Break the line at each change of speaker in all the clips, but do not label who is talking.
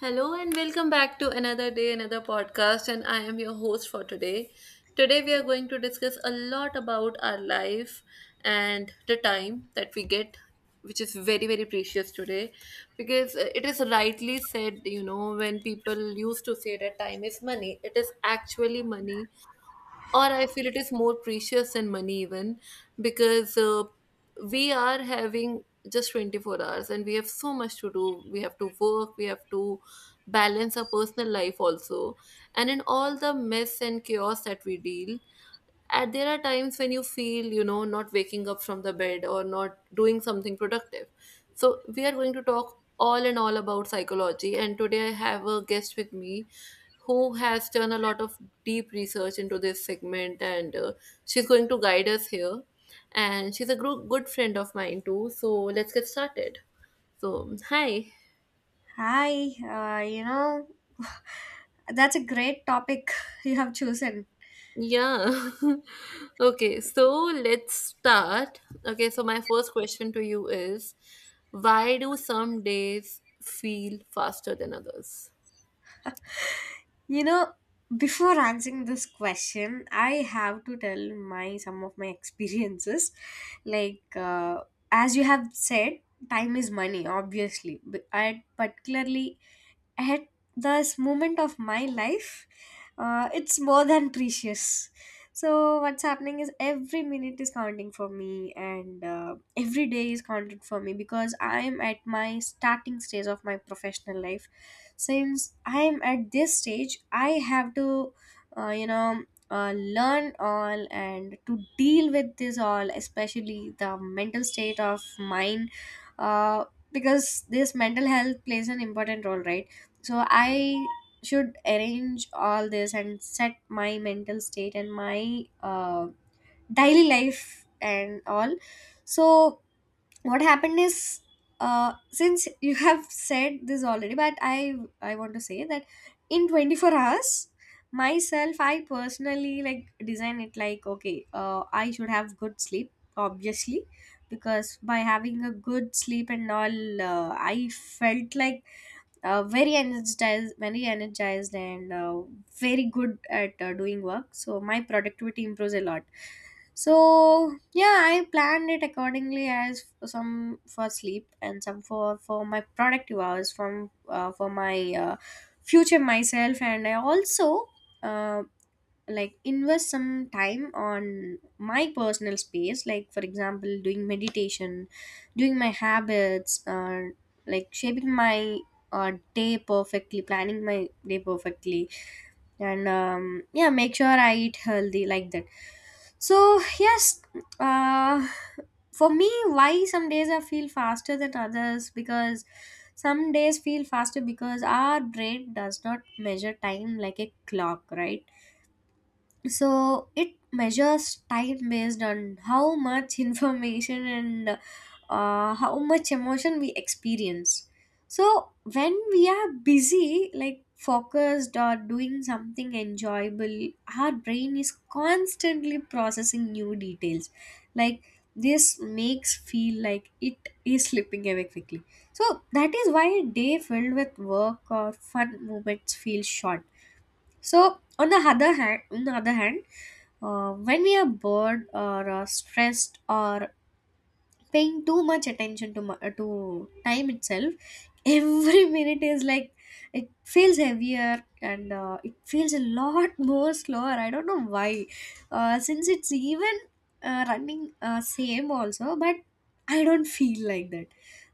Hello and welcome back to another day, another podcast, and I am your host for today. Today we are going to discuss a lot about our life and the time that we get, which is very precious today, because it is rightly said, when people used to say that time is money, it is actually money, or I feel it is more precious than money even, because we are having just 24 hours and we have so much to do. We have to work, we have to balance our personal life also, and in all the mess and chaos that we deal, and there are times when you feel, not waking up from the bed or not doing something productive. So we are going to talk all and all about psychology, and today I have a guest with me who has done a lot of deep research into this segment, and she's going to guide us here, and she's a good friend of mine too, so let's get started. So hi.
Hi, that's a great topic you have chosen.
Yeah. Okay, so let's start. Okay, so my first question to you is, why do some days feel faster than others?
You know, before answering this question, I have to tell my some of my experiences. Like as you have said, time is money, obviously. But I particularly at this moment of my life, it's more than precious. So what's happening is every minute is counting for me, and every day is counted for me, because I'm at my starting stage of my professional life. Since I'm at this stage, I have to uh, you know learn all and to deal with this all, especially the mental state of mind, uh, because this mental health plays an important role, right? So I should arrange all this and set my mental state and my daily life and all. So what happened is, since you have said this already, but I want to say that in 24 hours, myself, I personally like design it like, okay, I should have good sleep, obviously, because by having a good sleep and all, I felt like very energized, and very good at doing work, so my productivity improves a lot. So, yeah, I planned it accordingly, some for sleep and some for my productive hours, from for my uh, future myself. And I also uh, like invest some time on my personal space, like, for example, doing meditation, doing my habits, like shaping my day perfectly, planning my day perfectly. And yeah, make sure I eat healthy, like that. So, yes, uh, for me, why some days I feel faster than others? Because some days feel faster because our brain does not measure time like a clock, right? So it measures time based on how much information and how much emotion we experience. So when we are busy, like focused or doing something enjoyable, our brain is constantly processing new details, like, this makes feel like it is slipping away quickly. So that is why a day filled with work or fun moments feels short. So, on the other hand, when we are bored or stressed or paying too much attention to time itself, every minute is like, it feels heavier and it feels a lot more slower. I don't know why, since it's even running same also, but I don't feel like that.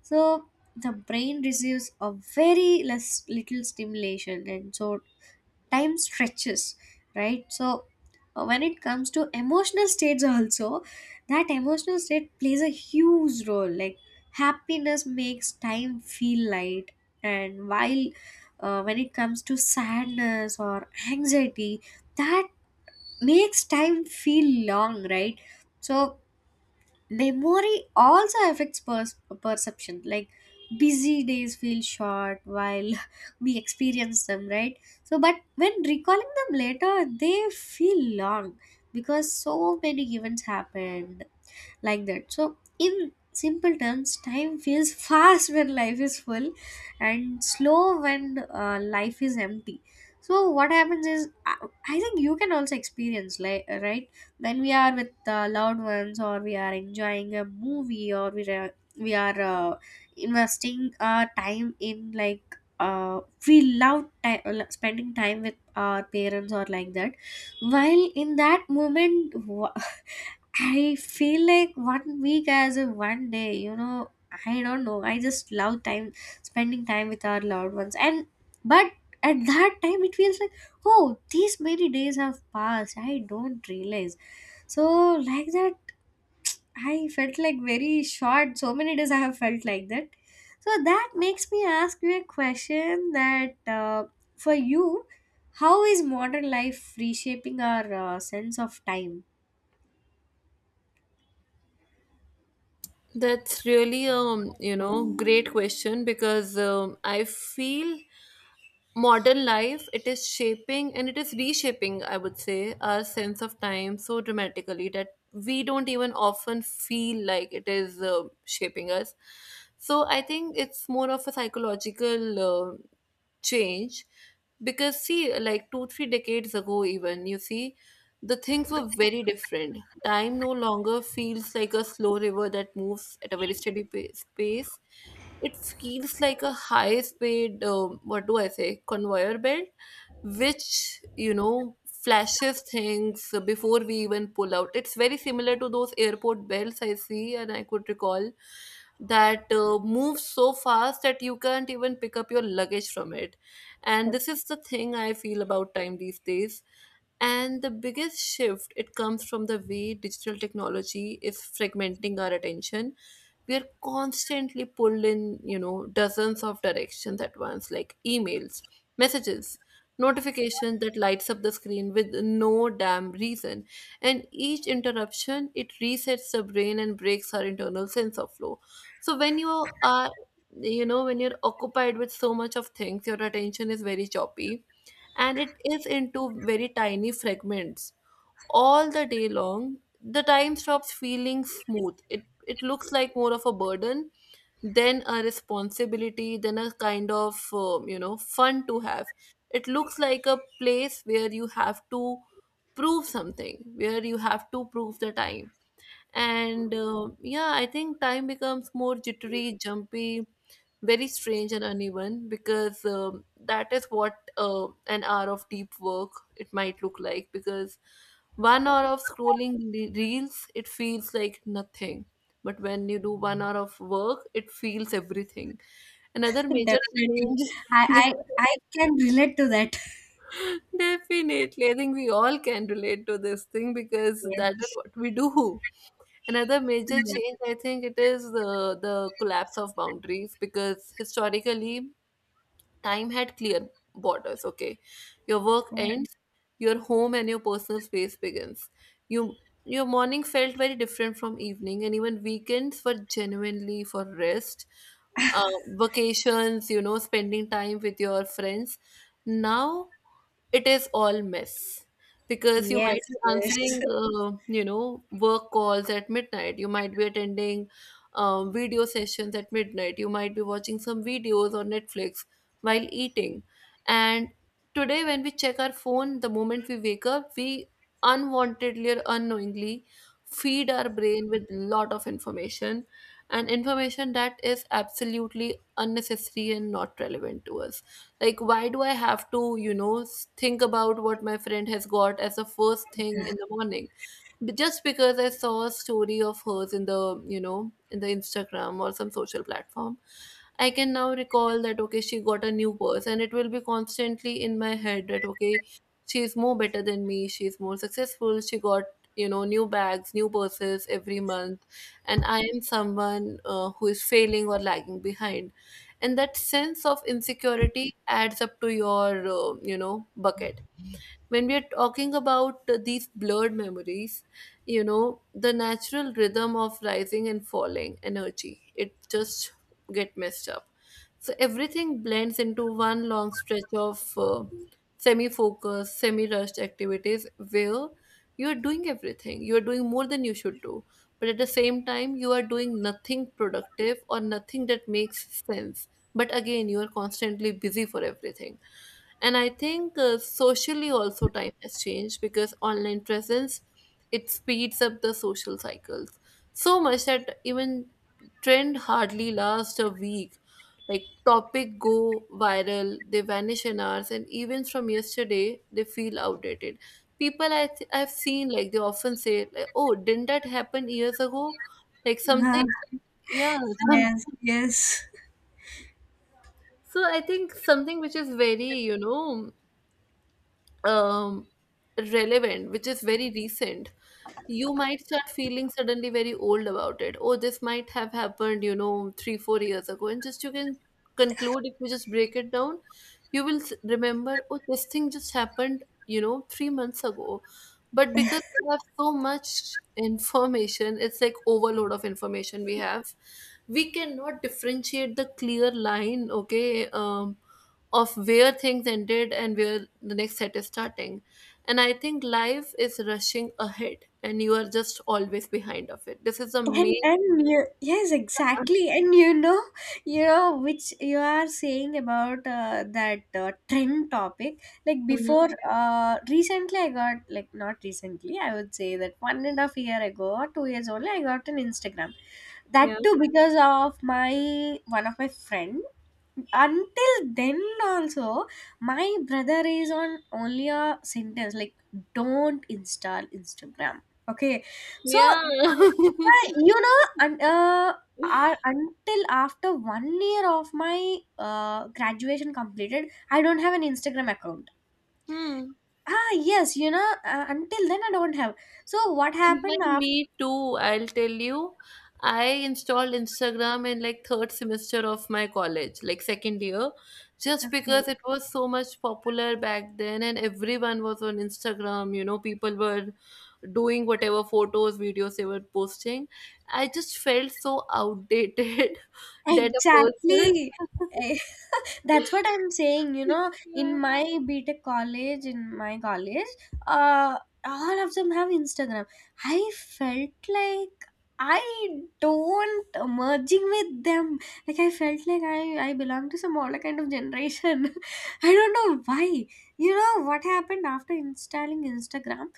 So the brain receives a very less little stimulation, and so time stretches, right? So, when it comes to emotional states also, that emotional state plays a huge role, like, happiness makes time feel light, and while, when it comes to sadness or anxiety, that makes time feel long, right? So memory also affects perception, like, busy days feel short while we experience them, right? So, but when recalling them later, they feel long because so many events happened, like that. So in simple terms, time feels fast when life is full, and slow when life is empty. So what happens is, I think you can also experience, like, right, when we are with loved ones, or we are enjoying a movie, or we are investing our time in, like, uh, we love time, spending time with our parents, or like that. While in that moment, I feel like one week as a one day, I don't know. I just love time, spending time with our loved ones. And but at that time, it feels like, oh, these many days have passed, I don't realize. So, like that, I felt like very short. So many days I have felt like that. So that makes me ask you a question: that for you, how is modern life reshaping our sense of time?
That's really great question, because I feel modern life, it is shaping and it is reshaping, I would say, our sense of time so dramatically that we don't even often feel like it is shaping us. So I think it's more of a psychological change. Because see, like two three decades ago, even you see, the things were very different. Time no longer feels like a slow river that moves at a very steady pace. It feels like a high speed, what do I say, conveyor belt, which, flashes things before we even pull out. It's very similar to those airport bells I see, and I could recall that moves so fast that you can't even pick up your luggage from it. And this is the thing I feel about time these days. And the biggest shift, it comes from the way digital technology is fragmenting our attention. We are constantly pulled in, dozens of directions at once, like emails, messages, notifications that lights up the screen with no damn reason. And each interruption, it resets the brain and breaks our internal sense of flow. So when you are, when you're occupied with so much of things, your attention is very choppy, and it is into very tiny fragments all the day long. The time stops feeling smooth. It looks like more of a burden than a responsibility, than a kind of fun to have. It looks like a place where you have to prove something, where you have to prove the time. And yeah, I think time becomes more jittery, jumpy, very strange and uneven, because that is what an hour of deep work it might look like. Because one hour of scrolling reels, it feels like nothing. But when you do one hour of work, it feels everything. Another major
Definitely.
change.
I, I I can relate to that.
Definitely. I think we all can relate to this thing, because that is
Yes.
what we do. Another major change, I think it is the collapse of boundaries, because historically time had clear borders. Okay, your work
Yes.
ends, your home and your personal space begins. You your morning felt very different from evening, and even weekends were genuinely for rest, vacations. You know, spending time with your friends. Now it is all mess, because you
Yes.
might be
Yes.
answering you know, work calls at midnight, you might be attending video sessions at midnight, you might be watching some videos on Netflix while eating. And today, when we check our phone the moment we wake up, we unwantedly or unknowingly feed our brain with lot of information, and information that is absolutely unnecessary and not relevant to us. Like, why do I have to, think about what my friend has got as the first thing in the morning? But just because I saw a story of hers in the, in the Instagram or some social platform. I can now recall that, okay, she got a new purse, and it will be constantly in my head that, okay, she's more better than me, she's more successful, she got, you know, new bags, new purses every month, and I am someone who is failing or lagging behind, and that sense of insecurity adds up to your, you know, bucket. When we are talking about these blurred memories, you know, the natural rhythm of rising and falling energy, it just get messed up. So everything blends into one long stretch of semi focused, semi rushed activities, where you are doing everything, you are doing more than you should do, but at the same time you are doing nothing productive or nothing that makes sense, but again you are constantly busy for everything. And I think socially also time has changed, because online presence, it speeds up the social cycles so much that even trend hardly lasts a week. Like topic go viral, they vanish in hours, and events from yesterday they feel outdated. People, I I've seen like, they often say like, "Oh, didn't that happen years ago?" Like something, yeah.
Uh,
Some,
yes. Yes.
so I think something which is very, you know, um, relevant, which is very recent, you might start feeling suddenly very old about it. Oh, this might have happened, you know, 3, 4 years ago. And just you can conclude, if you just break it down, you will remember, oh, this thing just happened, you know, 3 months ago. But because we have so much information, it's like overload of information we have. We cannot differentiate the clear line, okay? Of where things ended and where the next set is starting. And I think life is rushing ahead and you are just always behind of it. This is the
and
main.
and you, yes, exactly. And you know which you are saying about that trend topic, like,
Mhm.
before, recently I got, like, not recently, I would say that 1.5 year ago, or 2 years only I got an Instagram. That
Yeah.
too because of my one of my friend. Until then also, my brother is on only a sentence like, don't install Instagram, okay. So,
Yeah.
yeah, and until after one year of my graduation completed, I don't have an Instagram account.
Hmm.
Ah, yes, until then I don't have. So what happened
Even
after?
me too, I'll tell you. I installed Instagram in like third semester of my college, like second year, just
Okay.
because it was so much popular back then and everyone was on Instagram, you know, people were doing whatever photos, videos they were posting. I just felt so outdated that a person.
Exactly. Eh, that's what I'm saying. You know, in
Yeah.
my BTech college, in my college, uh, all of them have Instagram. I felt like I don't merging with them. Like I felt like I belong to some older kind of generation. I don't know why. You know what happened after installing Instagram?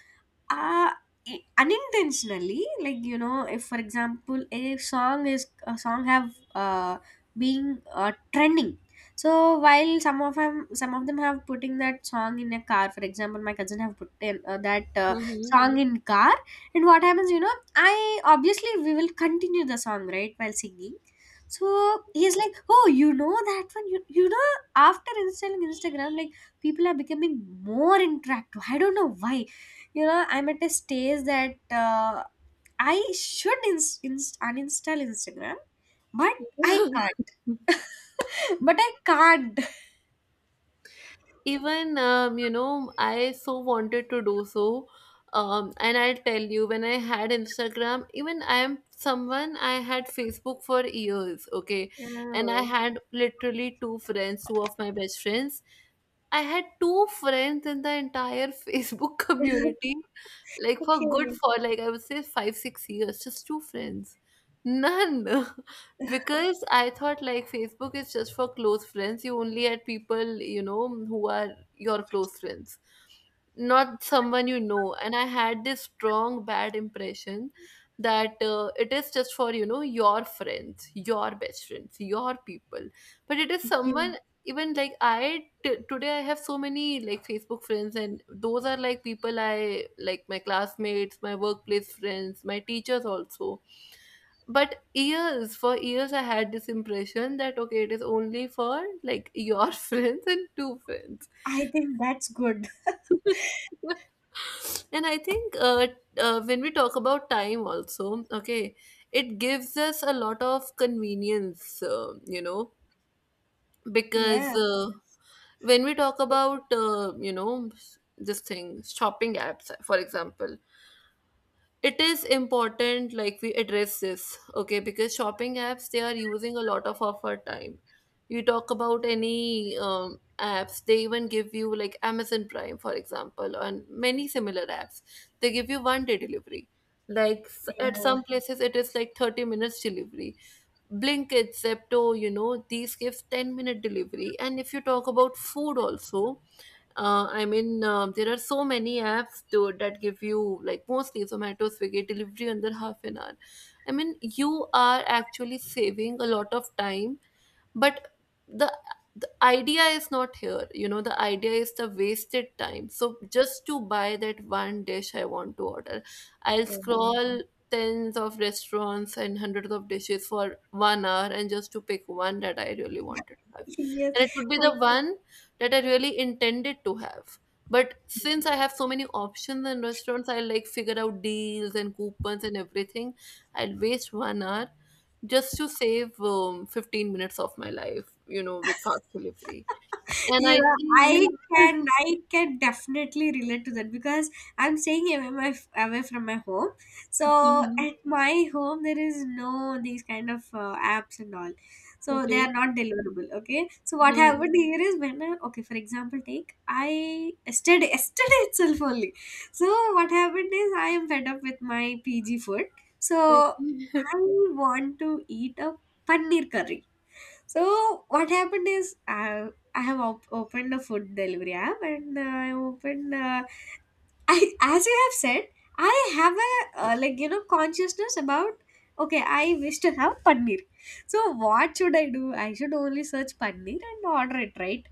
uh Unintentionally, like, if, for example, a song have uh being trending. So, while some of them have putting that song in a car. For example, my cousin have put in, that
Mhm.
song in car. And what happens, I obviously, we will continue the song, right, while singing. So he's like, oh, you know that one? After installing Instagram, like, people are becoming more interactive. I don't know why. I'm at a stage that uh, I should uninstall Instagram. But I can't. But I can't.
Even, you know, I so wanted to do so. And I'll tell you, when I had Instagram, even I am someone, I had Facebook for years, okay, and I
Oh.
had literally two of my best friends. I had two friends in the entire Facebook community, like for good,
Okay.
for like I would say 5, 6 years, just two friends. None. Because I thought like Facebook is just for close friends. You only add people, you know, who are your close friends, not someone you know. And I had this strong bad impression that it is just for, you know, your friends, your best friends, your people, but it is
Yeah.
someone. Even like, I today I have so many, like, Facebook friends, and those are, like, people I, like, my classmates, my workplace friends, my teachers also. But years for years, I had this impression that, okay, it is only for, like, your friends and two friends.
I think that's good.
And I think when we talk about time also, okay, it gives us a lot of convenience, you know, because.
Yeah,
When we talk about, you know, this thing, shopping apps, for example, it is important, like, we address this, okay, because shopping apps, they are using a lot of our time. You talk about any apps, they even give you, like, Amazon Prime, for example, and many similar apps, they give you 1 day delivery, like, at
yeah,
some places it is like 30 minutes delivery. Blinkit, Zepto, you know, these gives 10-minute delivery. And if you talk about food also, I mean, there are so many apps to, that give you, like, mostly Zomato, Swiggy delivery under half an hour. I mean, you are actually saving a lot of time, but the the idea is not here. You know, the idea is the wasted time. So just to buy that one dish I want to order, I'll
yeah.
scroll tens of restaurants and hundreds of dishes for one hour, and just to pick one that I really wanted to have,
Yes.
and it would be the
i
one that I really intended to have. But since I have so many options in restaurants, I like figure out deals and coupons and everything, I'll waste one hour just to save, 15 minutes of my life, you know, with fast delivery. And
you
I
know
think,
i can i can definitely relate to that, because I'm staying away, away from my home. So
mhm.
at my home, there is no these kind of apps and all, so they
Okay.
are not deliverable, okay. So what
Mhm.
happened here is, when I, okay, for example, take, I yesterday, yesterday itself only. So what happened is, I am fed up with my PG food.
Okay.
So I want to eat a paneer curry. So what happened is, I have opened a food delivery app, and I opened, I, as you have said, I have a like consciousness about, okay, I wish to have paneer. So what should I do? I should only search paneer and order it, right?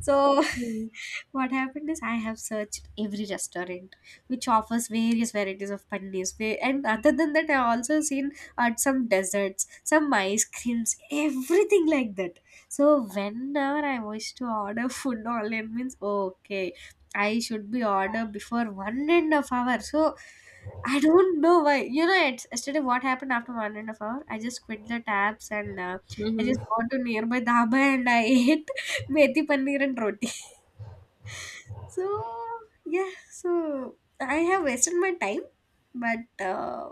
So
Mhm.
what happened is, I have searched every restaurant which offers various varieties of paneers. And other than that, I also seen at some desserts, some ice creams, everything like that. So whenever I wish to order food online, means, okay, I should be order before 1.5 hour. So I don't know why. Yesterday, what happened after 1.5 hour? I just quit the tabs, and I
Mhm.
just go to nearby dhaba, and I ate methi paneer and roti. So, yeah, so I have wasted my time, but uh,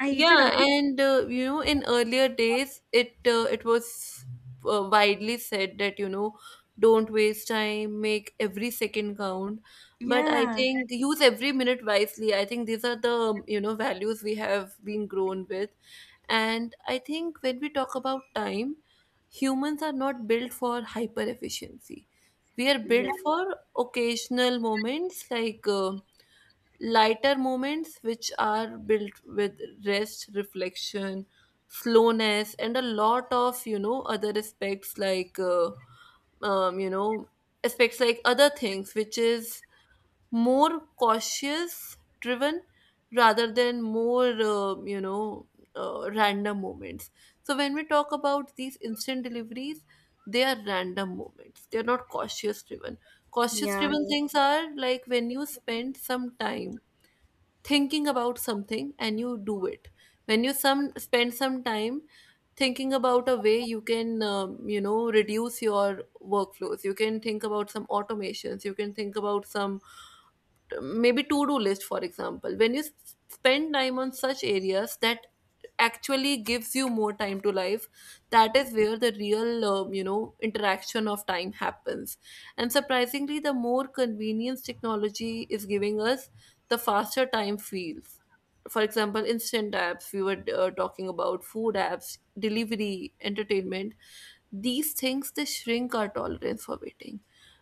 I eat
Yeah,
it out.
and in earlier days, it was widely said that don't waste time, make every second count. But I
Yeah.
think use every minute wisely. I think these are the values we have been grown with, and I think when we talk about time, humans are not built for hyper efficiency. We are
Yeah.
built for occasional moments like. Lighter moments which are built with rest, reflection, slowness and a lot of other aspects like um, you know aspects like other things, which is more cautious driven rather than more random moments. So when we talk about these instant deliveries, they are random moments, they are not cautious driven. Cautious
Yeah.
driven things are like when you spend some time thinking about something and you do it. When you some spend some time thinking about a way you can reduce your workflows, you can think about some automations, you can think about some maybe to do list. For example, when you spend time on such areas that actually gives you more time to life, that is where the real interaction of time happens. And surprisingly, the more convenience technology is giving us, the faster time feels. For example, instant apps. We were talking about food apps, delivery, entertainment. These things, they shrink our tolerance for waiting.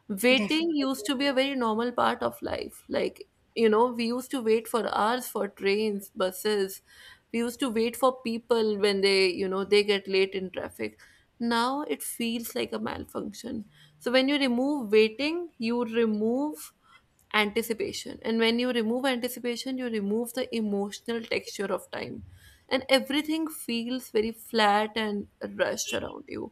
Waiting used
Definitely.
to be a very normal part of life. Like, we used to wait for hours for trains, buses. We used to wait for people when they get late in traffic. Now it feels like a malfunction. So when you remove waiting, you remove anticipation, and when you remove anticipation, you remove the emotional texture of time, and everything feels very flat and rushed around you.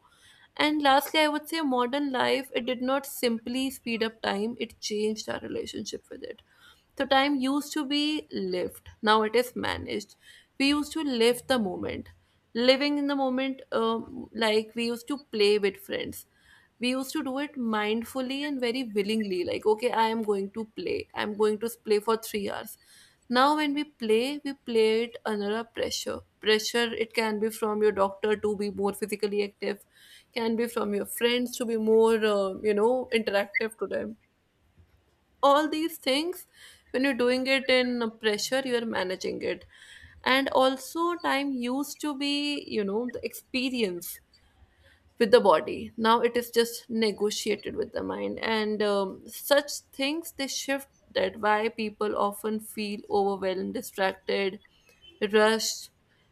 And lastly, I would say, modern life, it did not simply speed up time, it changed our relationship with it. So time used to be lived, now it is managed. We used to live the moment, living in the moment. Like we used to play with friends, we used to do it mindfully and very willingly. Like, okay, I'm going to play for 3 hours. Now when we play, we play it under a pressure. Pressure, it can be from your doctor to be more physically active, can be from your friends to be more interactive to them, all these things. When you're doing it in pressure, you're managing it. And also, time used to be, the experience with the body, now it is just negotiated with the mind, and such things, they shift. That why people often feel overwhelmed, distracted, rushed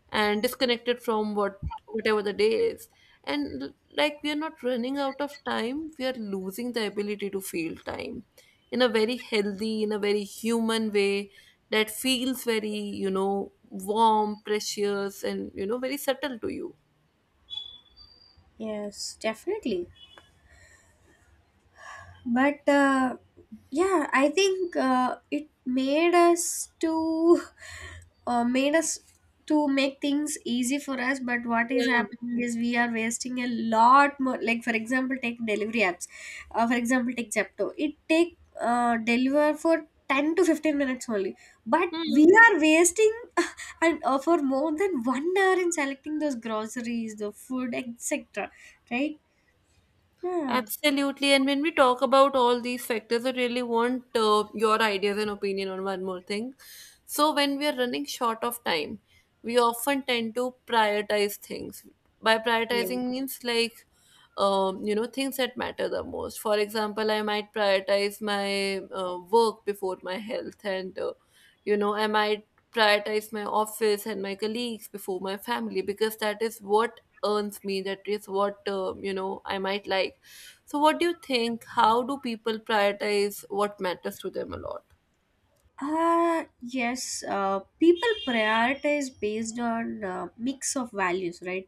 and disconnected from whatever the day is. And like we are not running out of time, we are losing the ability to feel time in a very healthy, in a very human way, that feels very, warm, precious, and very subtle to you.
Yes, definitely, but yeah, I think it made us to made us to make things easy for us. But what
Yeah.
is happening is we are wasting a lot more, like, for example, take delivery apps, for example, take Zepto, it take deliver for 10 to 15 minutes only, but we
Hmm.
are wasting and for more than one hour in selecting those groceries, the food, etc., right. Yeah.
Absolutely. And when we talk about all these factors, I really want your ideas and opinion on one more thing. So, when we are running short of time, we often tend to prioritize things. By
Yeah.
prioritizing means like things that matter the most. For example, I might prioritize my work before my health, and I might prioritize my office and my colleagues before my family, because that is what earns me, that is what I might like. So what do you think, how do people prioritize what matters to them a lot?
Yes, people prioritize based on mix of values, right?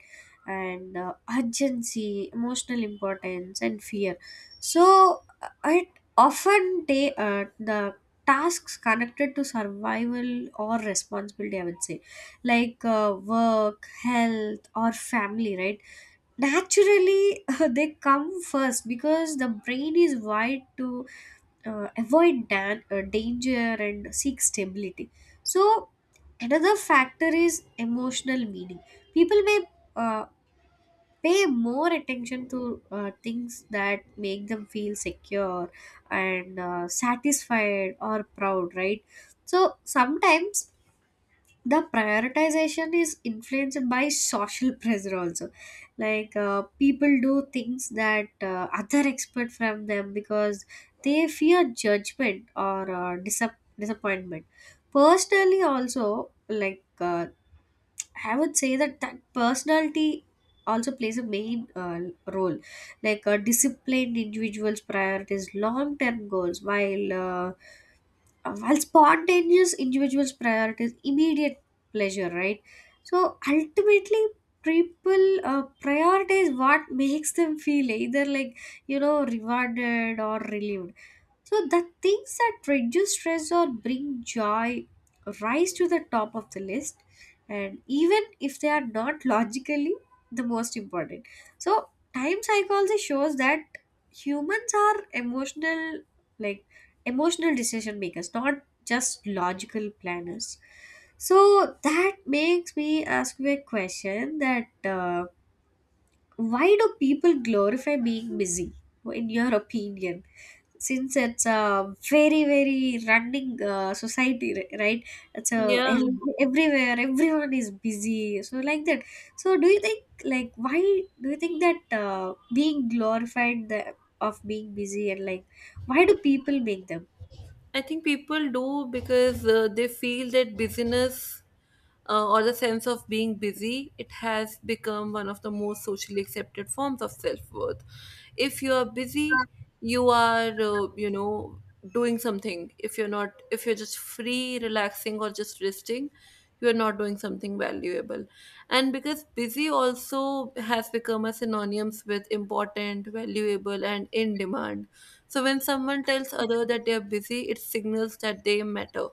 And urgency, emotional importance, and fear. So it often, they, the tasks connected to survival or responsibility, I would say, like work, health, or family, right? Naturally, they come first because the brain is wired to avoid danger and seek stability. So, another factor is emotional meaning. People may uh, pay more attention to things that make them feel secure and satisfied or proud, right? So, sometimes the prioritization is influenced by social pressure also, like people do things that other expect from them because they fear judgment or disappointment. Personally also, like I would say that that personality also plays a main role, like disciplined individuals prioritize long-term goals, while spontaneous individuals prioritize immediate pleasure, right? So ultimately, people prioritize what makes them feel either like rewarded or relieved. So the things that reduce stress or bring joy rise to the top of the list, and even if they are not logically the most important. So time psychology shows that humans are emotional, like, emotional decision makers, not just logical planners. So that makes me ask you a question: that why do people glorify being busy, in your opinion? Since it's a very, very running society, right? It's
Yeah.
everywhere, everyone is busy, so like that. So do you think, like, why, do you think that being glorified of being busy, and, like, why do people make them?
I think people do because they feel that busyness, or the sense of being busy, it has become one of the most socially accepted forms of self worth. If you are busy, you are, doing something. If you're not, if you're just free, relaxing, or just resting, you are not doing something valuable. And because busy also has become a synonyms with important, valuable, and in demand. So when someone tells other that they are busy, it signals that they matter,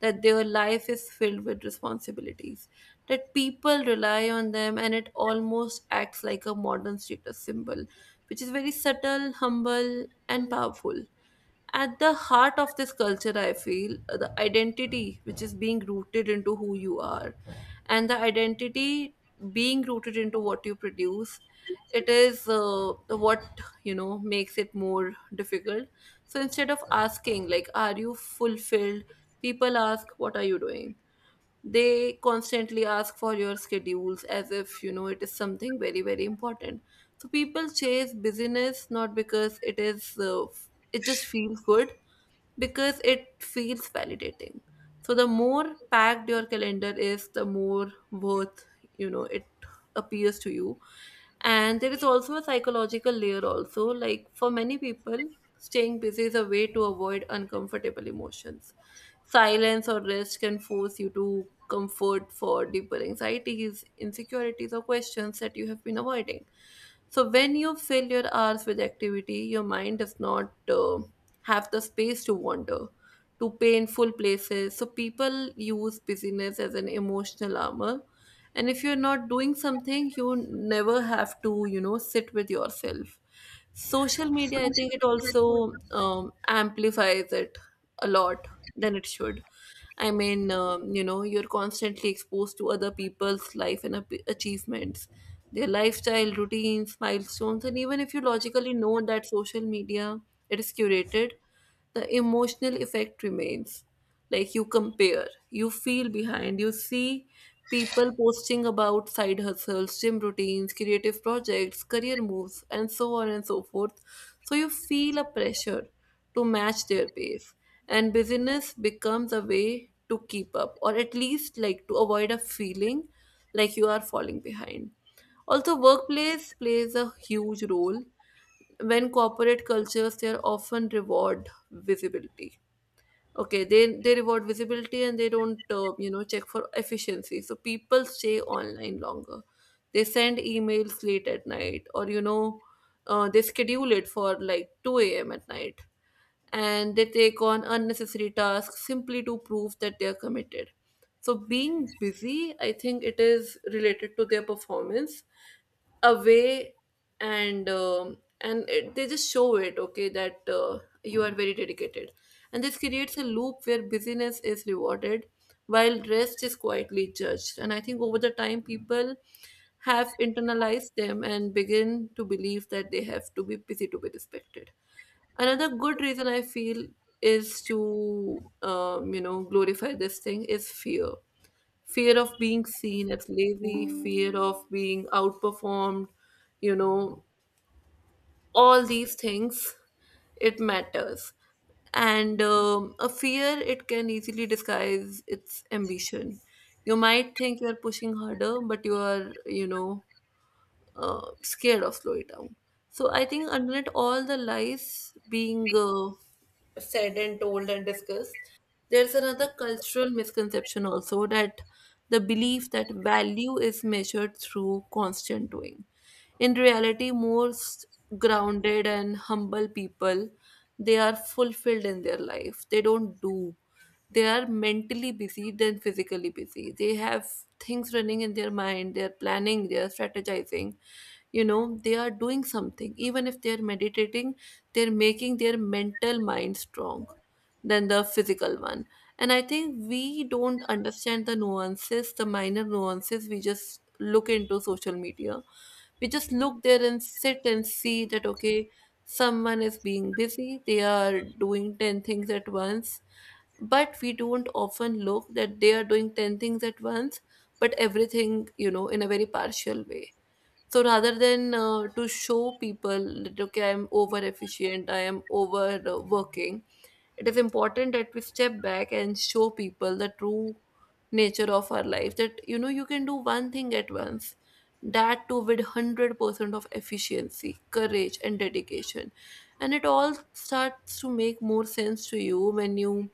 that their life is filled with responsibilities, that people rely on them, and it almost acts like a modern status symbol, which is very subtle, humble, and powerful. At the heart of this culture, I feel the identity which is being rooted into who you are, and the identity being rooted into what you produce, it is what makes it more difficult. So instead of asking like, are you fulfilled, people ask, what are you doing? They constantly ask for your schedules as if you know it is something very very important. So people chase busyness, not because it just feels good, because it feels validating. So the more packed your calendar is, the more worth it appears to you. And there is also a psychological layer also, like for many people, staying busy is a way to avoid uncomfortable emotions. Silence or rest can force you to comfort for deeper anxieties, insecurities or questions that you have been avoiding. So when you fill your hours with activity, your mind does not have the space to wander to painful places. So people use busyness as an emotional armor. And if you're not doing something, you never have to, sit with yourself. Social media, I think it also amplifies it a lot than it should. I mean, you're constantly exposed to other people's life and achievements, their lifestyle, routines, milestones, and even if you logically know that social media, it is curated, the emotional effect remains. Like, you compare, you feel behind, you see people posting about side hustles, gym routines, creative projects, career moves, and so on and so forth. So you feel a pressure to match their pace, and busyness becomes a way to keep up, or at least like to avoid a feeling like you are falling behind. Also, workplace plays a huge role. When corporate cultures, they are often reward visibility. Okay, they reward visibility, and they don't check for efficiency, so people stay online longer, they send emails late at night, or they schedule it for like 2 a.m at night, and they take on unnecessary tasks simply to prove that they are committed. So, being busy, I think it is related to their performance away, and they just show it, okay, that you are very dedicated. And this creates a loop where busyness is rewarded while rest is quietly judged, and I think over the time people have internalized them and begin to believe that they have to be busy to be respected. Another good reason I feel is to, glorify this thing is fear. Fear of being seen as lazy, fear of being outperformed, you know, all these things, it matters. And a fear, it can easily disguise its ambition. You might think you're pushing harder, but you are, scared of slow it down. So I think underneath all the lies being said and told and discussed, there's another cultural misconception also that the belief that value is measured through constant doing. In reality, most grounded and humble people, they are fulfilled in their life. They don't do. They are mentally busy than physically busy. They have things running in their mind. They are planning. They are strategizing, they are doing something, even if they're meditating, they're making their mental mind strong than the physical one. And I think we don't understand the nuances, the minor nuances. We just look into social media, we just look there and sit and see that okay, someone is being busy, they are doing 10 things at once, but we don't often look that they are doing 10 things at once, but everything, in a very partial way. So rather than to show people that okay, I'm over efficient, I am over working, it is important that we step back and show people the true nature of our life, that you can do one thing at once, that too with 100% of efficiency, courage and dedication. And it all starts to make more sense to you when you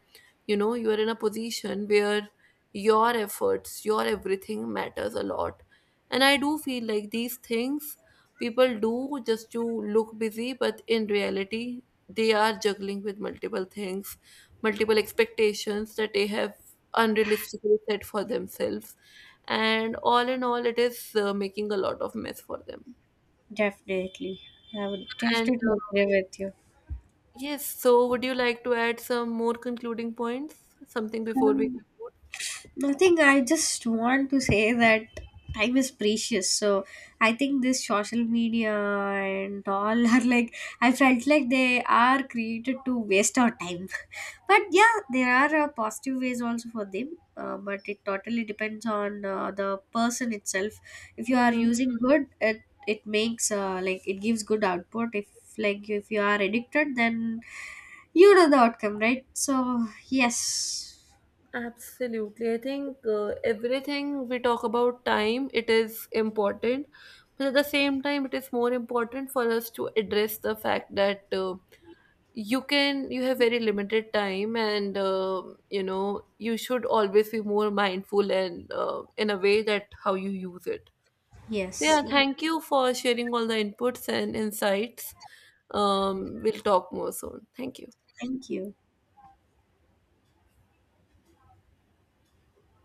you know you are in a position where your efforts, your everything matters a lot. And I do feel like these things people do just to look busy, but in reality, they are juggling with multiple things, multiple expectations that they have unrealistically set for themselves. And all in all, it is making a lot of mess for them.
Definitely. I would
And
definitely agree with you.
yes, so would you like to add some more concluding points? Something before we.
Nothing, I just want to say that time is precious. So I think this social media and all are like, I felt like they are created to waste our time. But yeah, there are positive ways also for them. But it totally depends on the person itself. If you are
Mhm.
using good, it makes like it gives good output. If you are addicted, then you know the outcome, right? So, yes,
Absolutely. I think everything we talk about time, it is important. But at the same time, it is more important for us to address the fact that you have very limited time, and you should always be more mindful, and in a way that how you use it. So yeah,
yes, yes.
thank you for sharing all the inputs and insights. We'll talk more soon. Thank you.
Thank you.